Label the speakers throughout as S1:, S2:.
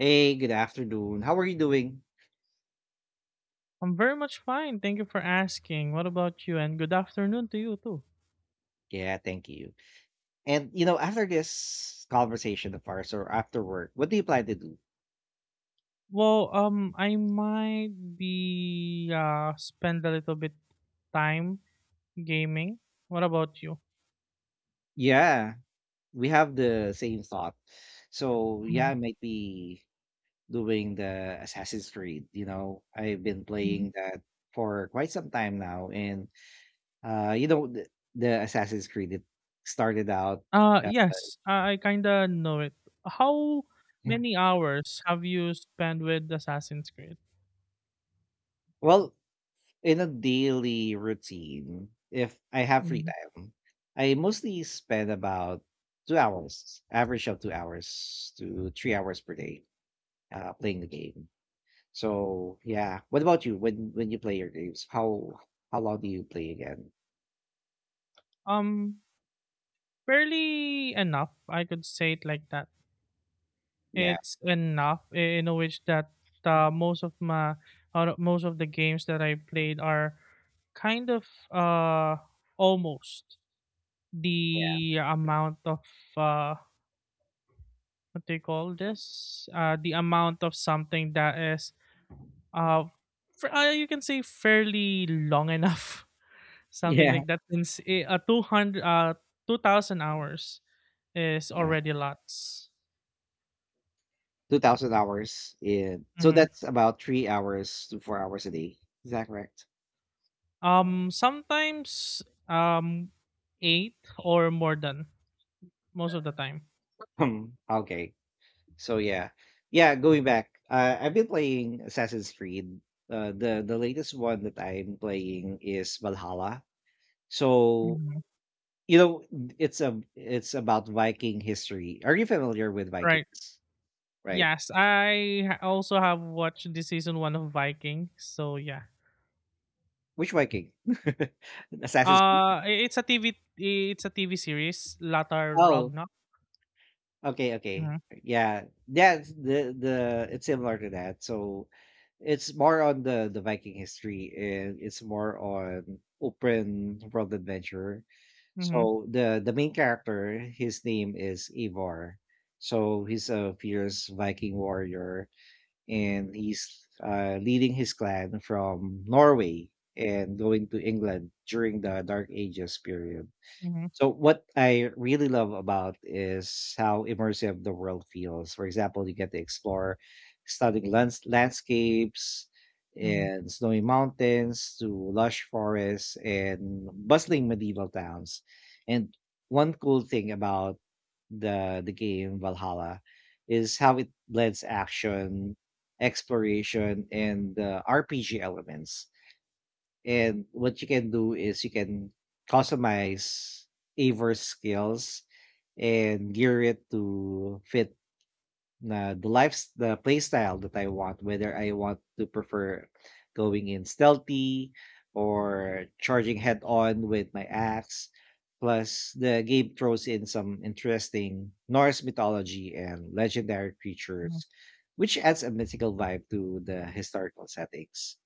S1: Hey, good afternoon. How are you doing?
S2: I'm very much fine. Thank you for asking. What about you? And good afternoon to you too.
S1: Yeah, thank you. And you know, after this conversation of ours or after work, what do you plan to do?
S2: Well, I might be spend a little bit time gaming. What about you?
S1: Yeah, we have the same thought. So yeah,
S2: Mhm,
S1: I might be doing the Assassin's Creed. You know, I've been
S2: mhm.
S1: playing that for quite some time now, and you know, the Assassin's Creed it started out. Uh,
S2: Yes, I kinda know it. How many hours have you spent with Assassin's Creed?
S1: well, in a daily routine, if I have free
S2: Mhm.
S1: time, I mostly spend about 2 hours, average of 2 hours to 3 hours per day, playing the game. So yeah. What about you? When you play your games, how long do you play again?
S2: Um, Fairly enough. I could say it like that.
S1: Yeah.
S2: It's enough in a which that uh, most of my most of the games that I played are kind of almost the amount of uh what they call this the amount of something that is uh, f you can say fairly long enough something
S1: Yeah.
S2: like that since a 200 2000 hours is
S1: Yeah.
S2: already lots.
S1: 2,000 hours in, so
S2: Mm-hmm.
S1: that's about 3 hours to 4 hours a day. Is that correct?
S2: Sometimes um 8 or more than most of the time.
S1: Hmm. Okay. So yeah, yeah. Going back, I've been playing Assassin's Creed. The latest one that I'm playing is Valhalla. So
S2: Mhm.
S1: you know, it's a it's about Viking history. Are you familiar with
S2: Right.
S1: Vikings? Right.
S2: Yes, also have watched the season 1 of Viking. So yeah.
S1: Which Viking? Assassin's Creed.
S2: I- it's a TV it's a TV series, Latar
S1: Oh,
S2: Ragnarok.
S1: okay, okay.
S2: Mhm.
S1: Yeah, that's the it's similar to that. So it's more on the Viking history, and it's more on open world adventure.
S2: Mhm.
S1: So the main character, his name is Ivar. So he's a fierce Viking warrior, and he's leading his clan from Norway and going to England during the Dark Ages period.
S2: Mhm.
S1: So what I really love about is how immersive the world feels. For example, you get to explore landscapes
S2: Mhm.
S1: and snowy mountains to lush forests and bustling medieval towns. And one cool thing about the game Valhalla is how it blends action, exploration, and RPG elements, and what you can do is you can customize Aver's skills and gear it to fit na the life the playstyle that I want, whether I want to prefer going in stealthy or charging head on with my axe. Plus, the game throws in some interesting Norse mythology and legendary
S2: Mhm.
S1: creatures, which adds a mythical vibe to the historical settings.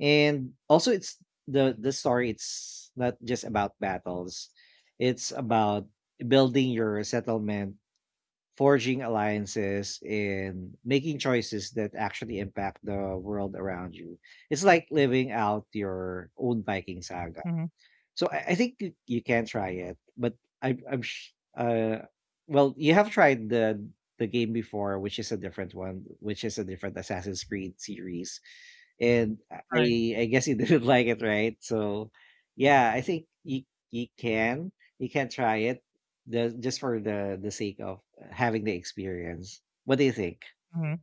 S1: And also, it's the story, it's not just about battles, it's about building your settlement, forging alliances, and making choices that actually impact the world around you. It's like living out your own Viking saga.
S2: Mhm,
S1: So I think you can try it, but I, i'm sh- uh well, you have tried the game before, which is a different one, which is a different Assassin's Creed series, and I
S2: right.
S1: I guess you didn't like it, right? So yeah, I think you you can you can try it, just for the sake of having the experience. What do you think?
S2: Mhm.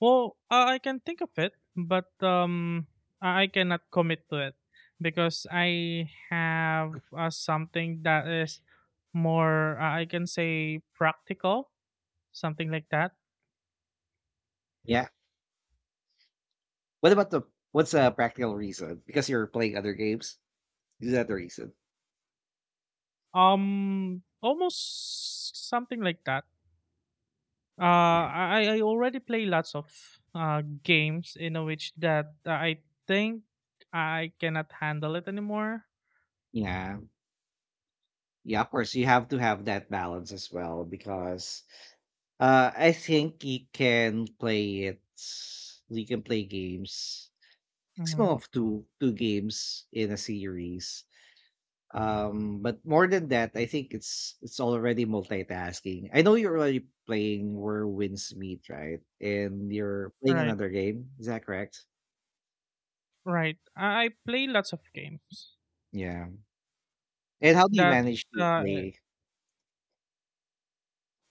S2: Well, I can think of it, but I cannot commit to it because I have something that is more, I can say, practical, something like that.
S1: Yeah. What about the what's a practical reason? Because you're playing other games. Is that the reason?
S2: Almost something like that.
S1: Yeah.
S2: I already play lots of games in which that I think I cannot handle it anymore.
S1: Yeah. Yeah, of course you have to have that balance as well because I think you can play it, you can play games maximum
S2: Mm-hmm.
S1: of two games in a series. But more than that, I think it's already multitasking. I know you're already playing Where Winds Meet, right? And you're playing
S2: Right,
S1: another game. Is that correct?
S2: right. I play lots of games
S1: Yeah. And how do you
S2: that
S1: manage to
S2: uh,
S1: play?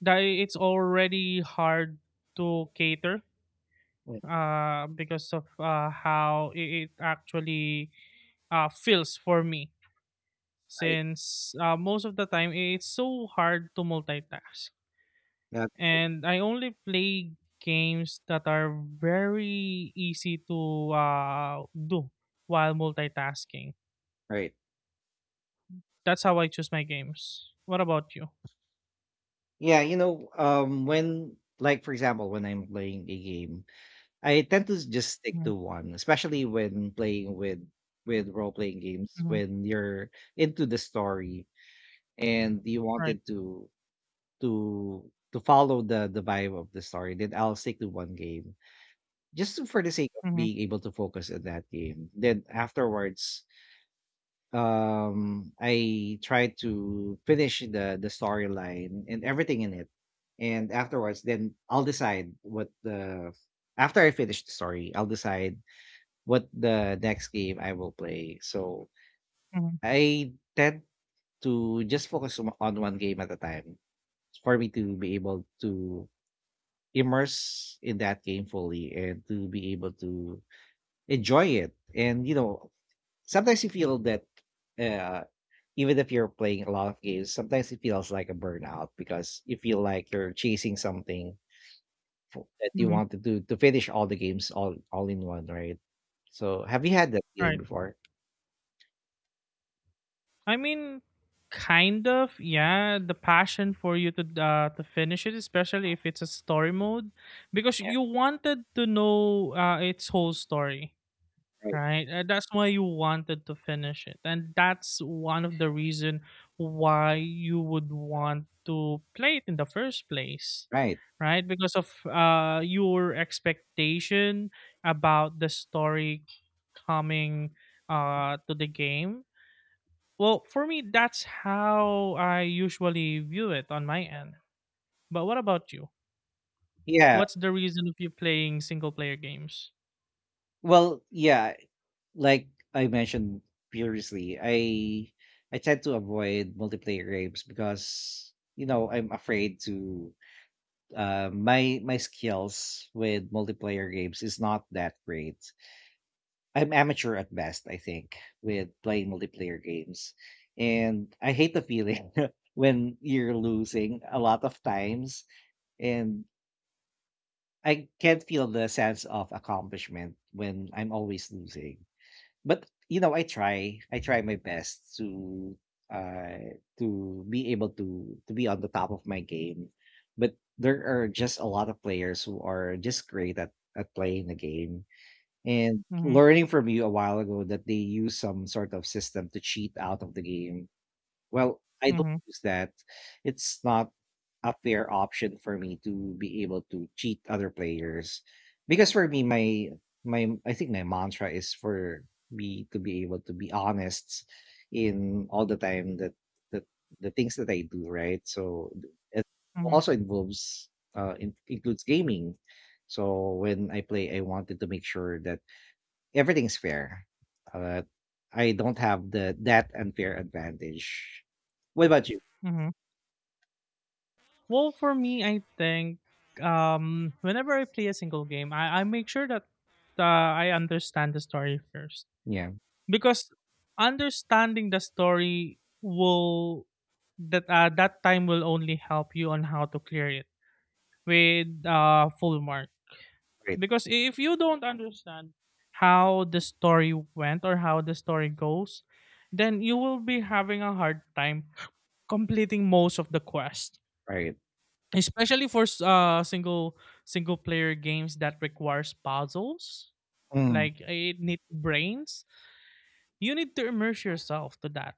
S2: that it's already hard to cater
S1: Oh,
S2: because of how it actually feels for me
S1: right.
S2: since most of the time it's so hard to multitask.
S1: That's right.
S2: And I only play games that are very easy to do while multitasking.
S1: Right.
S2: That's how I choose my games. What about you?
S1: Yeah, you know, when like for example, when I'm playing a game, I tend to just stick
S2: Mm-hmm,
S1: to one, especially when playing with role playing games when you're into the story and you
S2: right.
S1: wanted to to to follow the vibe of the story, then I'll stick to one game just for the sake of
S2: Mm-hmm,
S1: being able to focus on that game. Then afterwards, I try to finish the storyline and everything in it, and afterwards, then I'll decide what the after I finish the story, I'll decide what the next game I will play. So
S2: mm-hmm,
S1: I tend to just focus on one game at a time for me to be able to immerse in that game fully and to be able to enjoy it. And you know, sometimes you feel that uh even if you're playing a lot of games, sometimes it feels like a burnout because you feel like you're chasing something that you
S2: mm-hmm.
S1: want to do to finish all the games all in one, right? So have you had that feeling before?
S2: I mean, kind of, yeah. The passion for you to finish it, especially if it's a story mode, because
S1: Yeah.
S2: you wanted to know its whole story,
S1: Right.
S2: right? That's why you wanted to finish it, and that's one of the reason why you would want to play it in the first place,
S1: Right.
S2: right? Because of your expectation about the story coming to the game. Well, for me, that's how I usually view it on my end. But what about you?
S1: Yeah.
S2: What's the reason of you playing single player games?
S1: Well, yeah, like I mentioned previously, I tend to avoid multiplayer games because you know I'm afraid to my skills with multiplayer games is not that great. I'm amateur at best, I think, with playing multiplayer games, and I hate the feeling when you're losing a lot of times, and I can't feel the sense of accomplishment when I'm always losing. But you know, I try my best uh to be able to be on the top of my game, but there are just a lot of players who are just great at playing the game, and
S2: Mm-hmm,
S1: learning from you a while ago that they use some sort of system to cheat out of the game. Well, I don't
S2: mm-hmm,
S1: use that. It's not a fair option for me to be able to cheat other players because for me my I think my mantra is for me to be able to be honest in all the time that that the things that I do, right? So it
S2: mm-hmm,
S1: also involves includes gaming. So when I play, I wanted to make sure that everything's fair. Uh, I don't have the that unfair advantage. What about you?
S2: mm-hmm. Well, for me, I think whenever I play a single game, I make sure that I understand the story first.
S1: Yeah,
S2: Because understanding the story will that time will only help you on how to clear it with full mark.
S1: right,
S2: Because if you don't understand how the story went or how the story goes, then you will be having a hard time completing most of the quest,
S1: right,
S2: especially for single player games that requires puzzles,
S1: mm,
S2: like it needs brains. You need to immerse yourself to that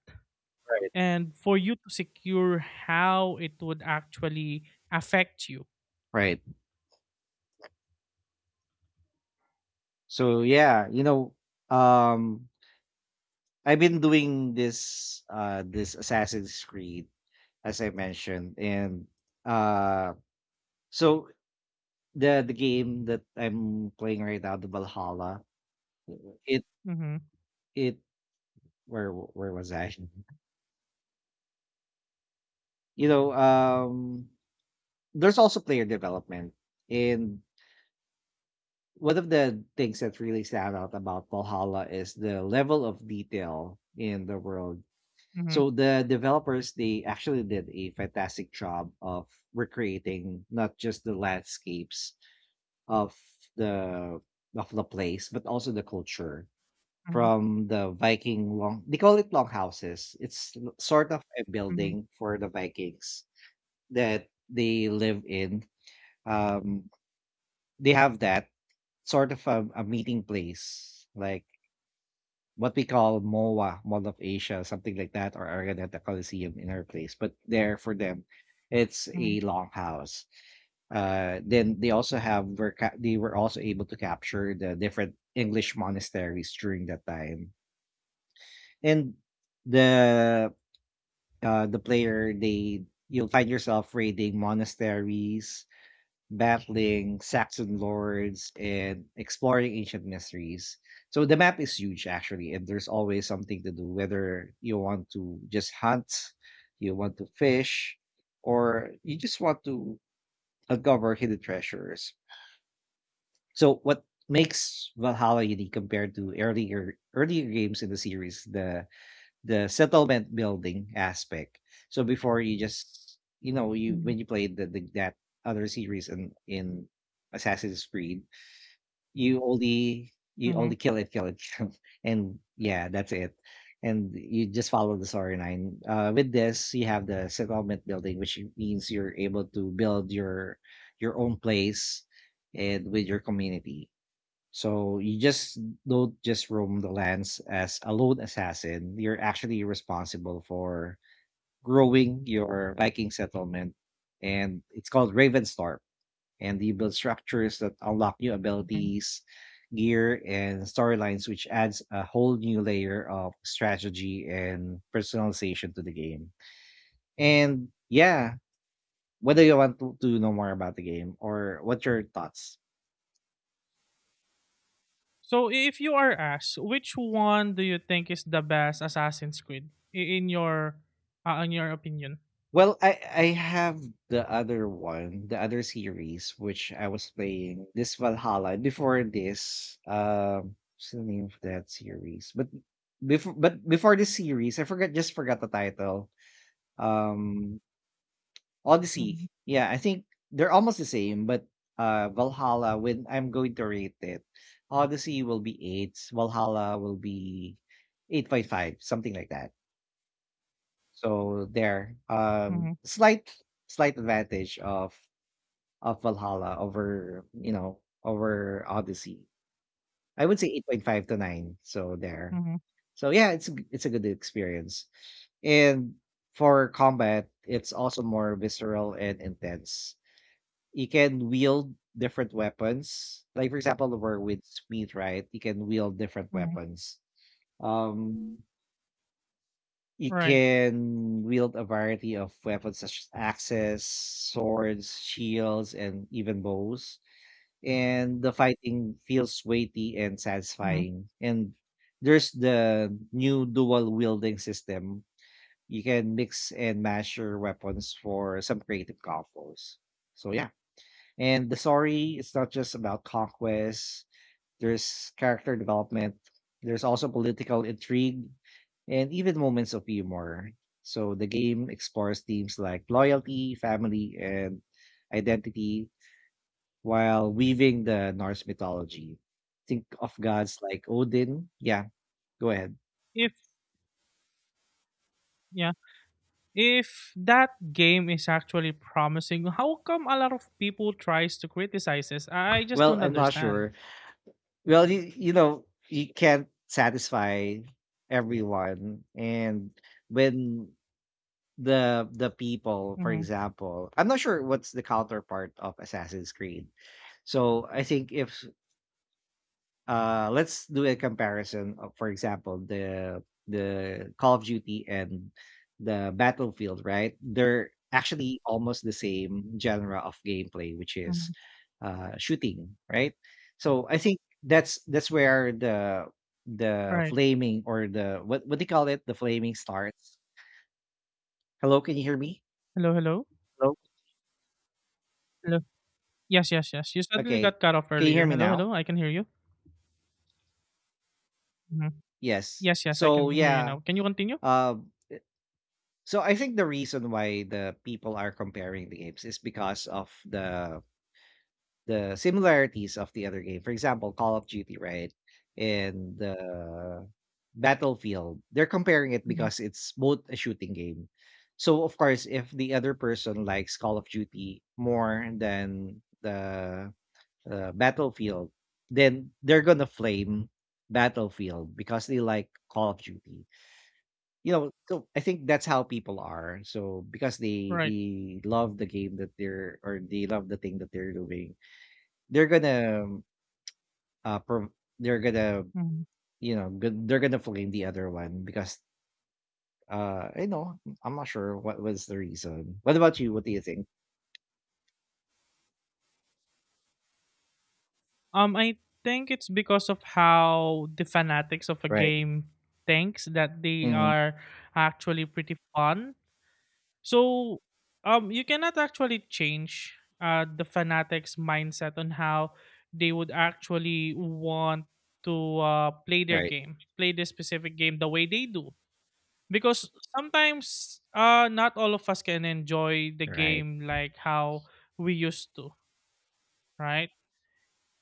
S1: right,
S2: and for you to secure how it would actually affect you.
S1: right. So yeah, you know, um, I've been doing this this Assassin's Creed as I mentioned, and uh, so the game that I'm playing right now, the Valhalla, it
S2: Mm-hmm,
S1: it where was I? You know, there's also player development. And one of the things that really stand out about Valhalla is the level of detail in the world.
S2: mm-hmm,
S1: So the developers, they actually did a fantastic job of recreating not just the landscapes of the of the place, but also the culture
S2: mm-hmm,
S1: from the Viking long, they call it long houses. It's sort of a
S2: mm-hmm,
S1: building for the Vikings that they live in. Um, they have that sort of a meeting place like what we call MOA, Mall of Asia, something like that, or Araneta Coliseum in our place, but there for them it's
S2: mm-hmm,
S1: a long house. Uh, then they also have they were also able to capture the different English monasteries during that time, and the the player, they you'll find yourself raiding monasteries, battling Saxon lords, and exploring ancient mysteries. So the map is huge actually, and there's always something to do, whether you want to just hunt, you want to fish, or you just want to uncover hidden treasures. So what makes Valhalla unique compared to earlier games in the series, the settlement building aspect. So before you just you know you when you played the that other series in Assassin's Creed, you
S2: mm-hmm,
S1: only kill it, kill, and yeah, that's it. And you just follow the storyline. With this, you have the settlement building, which means you're able to build your own place and with your community, so you just don't just roam the lands as a lone assassin. You're actually responsible for growing your Viking settlement, and it's called Ravenstorm. And you build structures that unlock new
S2: mm-hmm.
S1: abilities, gear, and storylines, which adds a whole new layer of strategy and personalization to the game. And yeah, whether you want to know more about the game or what your thoughts.
S2: So if you are asked, which one do you think is the best Assassin's Creed in your opinion?
S1: Well, I have the other one, the other series which I was playing this Valhalla before this. What's the name of that series? But before this series, I forgot, just forgot the title. Um,
S2: Mhm,
S1: Odyssey. Yeah, I think they're almost the same, but Valhalla, when I'm going to rate it, Odyssey will be 8. Valhalla will be 8.5, something like that. So there,
S2: mhm,
S1: slight advantage of Valhalla over you know over Odyssey. I would say 8.5 to 9. So there.
S2: mhm,
S1: So yeah, it's a it's a good experience. And for combat, it's also more visceral and intense. You can wield different weapons. Like for example, we're with Smith, right? You can wield different
S2: mhm,
S1: weapons. Um, You
S2: right.
S1: can wield a variety of weapons such as axes, swords, shields, and even bows. And the fighting feels weighty and
S2: Mhm.
S1: satisfying. And there's the new dual wielding system. You can mix and match your weapons for some creative combos. So yeah. And the story, it's not just about conquest, there's character development. There's also political intrigue and even moments of humor. So the game explores themes like loyalty, family, and identity while weaving the Norse mythology. Think of gods like Odin. Yeah, go ahead.
S2: If yeah, if that game is actually promising, how come a lot of people tries to criticize this? I just
S1: Well,
S2: don't
S1: I'm not
S2: understand.
S1: sure. Well, you know, you can't satisfy everyone. And when the people, for
S2: Mhm,
S1: example, I'm not sure what's the counterpart of Assassin's Creed. So I think if let's do a comparison of, for example, the Call of Duty and the Battlefield, right? They're actually almost the same genre of gameplay, which is
S2: mhm.
S1: shooting, right? So I think that's where the
S2: Right.
S1: flaming or the what do you call it? The flaming starts. Hello, can you hear me?
S2: Hello, hello.
S1: Hello?
S2: Hello. Yes, yes, yes. You suddenly
S1: Okay.
S2: got cut off
S1: Can you hear
S2: earlier.
S1: me
S2: Hello,
S1: now?
S2: hello. I can hear you. Mhm.
S1: Yes.
S2: Yes, yes, I
S1: So
S2: can hear you now. Can you continue?
S1: um, so I think the reason why the people are comparing the games is because of the similarities of the other game. For example, Call of Duty, right? And the Battlefield. They're comparing it
S2: Mhm,
S1: because it's both a shooting game. So of course, if the other person likes Call of Duty more than the Battlefield, then they're gonna flame Battlefield because they like Call of Duty. You know, so I think that's how people are. So because they
S2: right.
S1: they love the game that they're or they love the thing that they're doing, they're gonna uh pro- they're gonna
S2: Mhm.
S1: they're gonna flame the other one because I'm not sure what was the reason. What about you? What do you think?
S2: I think it's because of how the fanatics of a
S1: Right.
S2: game thinks that they
S1: Hmm.
S2: are actually pretty fun. So, you cannot actually change the fanatics' mindset on how they would actually want to play their
S1: Right.
S2: game, play this specific game the way they do. Because sometimes not all of us can enjoy the
S1: Right.
S2: game like how we used to, right?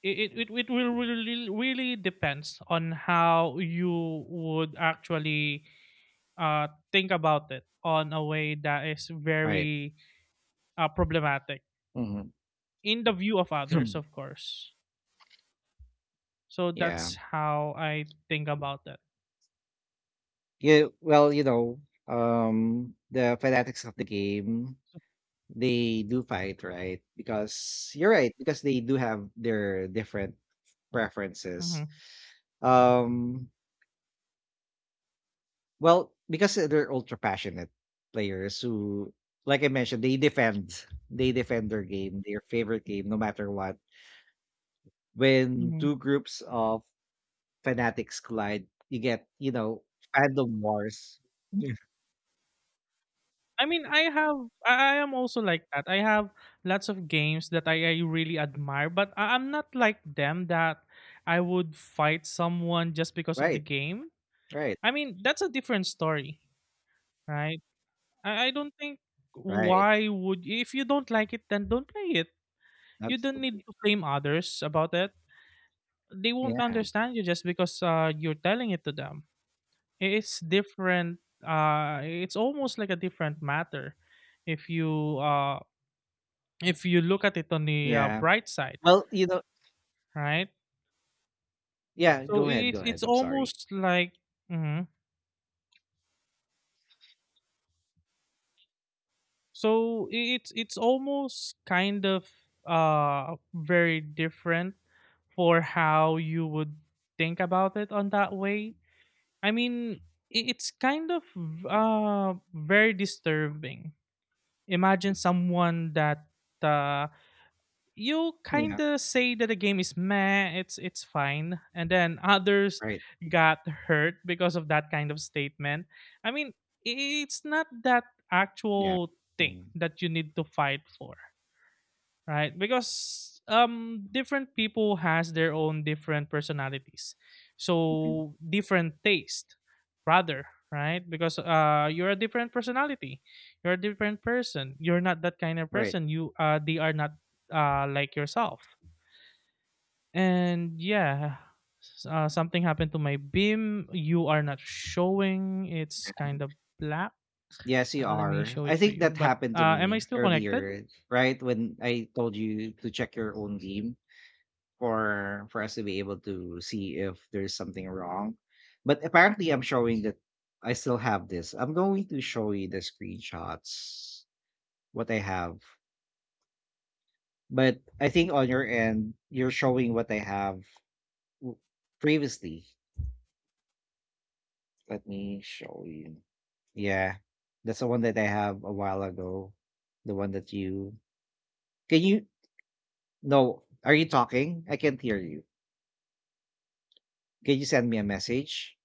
S2: It will really really depends on how you would actually think about it on a way that is
S1: Right.
S2: very problematic
S1: Hmm.
S2: in the view of others, of course. So
S1: Yeah.
S2: that's how I think about that.
S1: Yeah, well, the fanatics of the game, they do fight, right? Because you're right, because they do have their different preferences.
S2: Hmm.
S1: Um, well, because they're ultra passionate players who, like I mentioned, they defend their game, their favorite game, no matter what. When
S2: Hmm.
S1: two groups of fanatics collide, you get, fandom wars. Yeah.
S2: I mean, I have I am also like that. I have lots of games that I really admire, but I'm not like them, that I would fight someone just because of the
S1: Right,
S2: game.
S1: right,
S2: I mean, that's a different story. Right? I don't think
S1: right.
S2: why would. If you don't like it, then don't play it. You don't need
S1: Absolutely.
S2: to blame others about it. They won't
S1: Yeah.
S2: understand you just because you're telling it to them. I- It's different. It's almost like a different matter if you uh, if you look at it on the
S1: Yeah.
S2: bright side,
S1: Well,
S2: right?
S1: yeah,
S2: So i-
S1: go ahead,
S2: it's
S1: I'm sorry.
S2: almost like mhm. So it's almost kind of very different for how you would think about it on that way. I mean, it's kind of very disturbing. Imagine someone that uh, you
S1: Yeah,
S2: kind of say that the game is meh, it's fine, and then others
S1: right,
S2: got hurt because of that kind of statement. I mean, it's not that
S1: yeah.
S2: actual thing
S1: Mhm,
S2: that you need to fight for, right? Because different people has their own different personalities,
S1: mhm,
S2: so different taste rather, right? Because you're a different personality, you're a different person, you're not that kind of
S1: right.
S2: person, you they are not like yourself. And yeah, something happened to my beam. You are not showing, it's kind of black.
S1: Yes, you
S2: Let me
S1: are.
S2: show
S1: I
S2: it to
S1: think
S2: you.
S1: that
S2: But
S1: happened to
S2: am I
S1: me
S2: still connected?
S1: earlier, right, when I told you to check your own game for us to be able to see if there's something wrong. But apparently I'm showing that I still have this. I'm going to show you the screenshots, what I have. But I think on your end, you're showing what I have w- previously. Let me show you. Yeah, that's the one that I have a while ago. The one that you can you no? Are you talking? I can't hear you. Can you send me a message?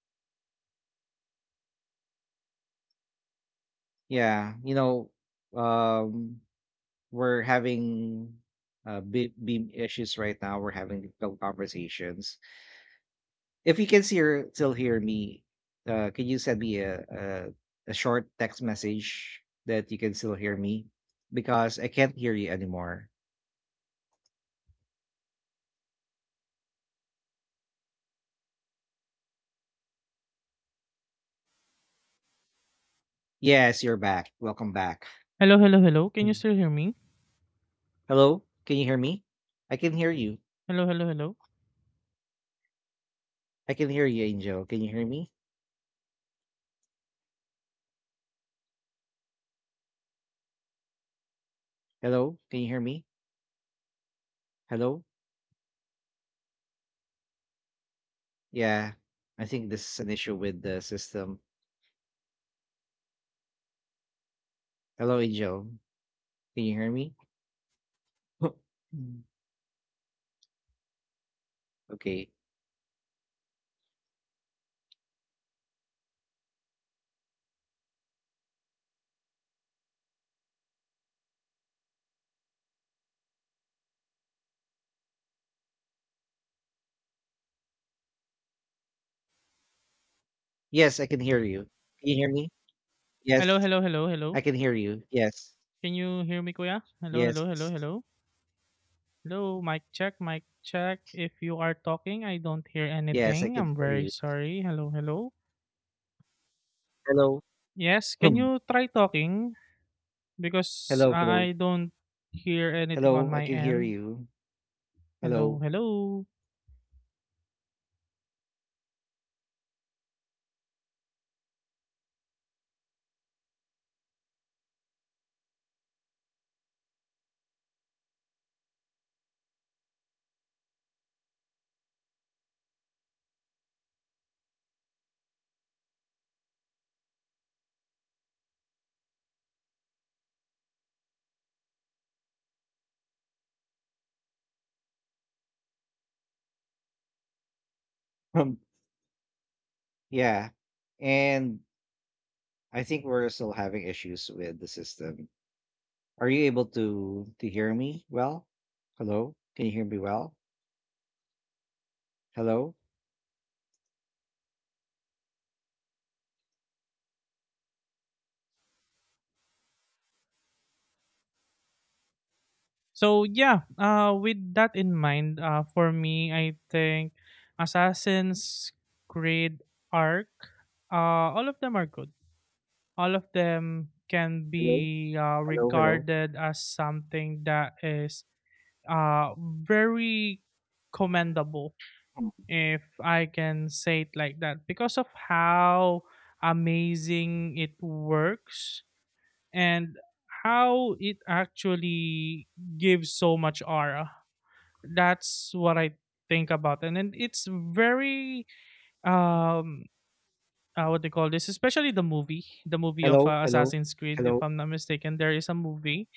S1: Yeah, um, we're having beam issues right now. We're having difficult conversations. If you can see or still hear me, can you send me a short text message that you can still hear me because I can't hear you anymore. Yes, you're back. Welcome back.
S2: Hello, hello, hello. Can you
S1: Hmm.
S2: still hear me?
S1: Hello? Can you hear me? I can hear you.
S2: Hello, hello, hello.
S1: I can hear you, Angel. Can you hear me? Hello? Can you hear me? Hello? Yeah. I think this is an issue with the system. Hello, Angel. Can you hear me? Hmm. Okay. Yes, I can hear you. Can you hear me?
S2: Hello,
S1: Yes.
S2: hello, hello,
S1: I
S2: hello.
S1: can hear you. Yes.
S2: Can you hear me, Kuya? Hello,
S1: Yes.
S2: hello, hello, hello. Hello, mic check, mic check. If you are talking, I don't hear
S1: Yes, I
S2: anything.
S1: can
S2: I'm
S1: hear
S2: very
S1: you.
S2: sorry. Hello, hello.
S1: Hello.
S2: Yes, can
S1: Hmm.
S2: you try talking? Because
S1: Hello, hello.
S2: I don't hear anything on
S1: Hello, I
S2: my
S1: can hear
S2: end.
S1: you.
S2: Hello,
S1: Hello.
S2: hello.
S1: Hmm. Yeah. And I think we're still having issues with the system. Are you able to hear me well? Hello? Can you hear me well? Hello?
S2: So yeah, with that in mind, for me, I think Assassin's Creed Arc, all of them are good. All of them can
S1: Hello?
S2: be
S1: Hello? Hello?
S2: regarded as something that is uh, very commendable, if I can say it like that, because of how amazing it works and how it actually gives so much aura. That's what I think about, and then it's very um. What they call this, especially the movie of
S1: Hello? Hello?
S2: Assassin's Creed, if
S1: Hello?
S2: I'm not mistaken, there is a movie,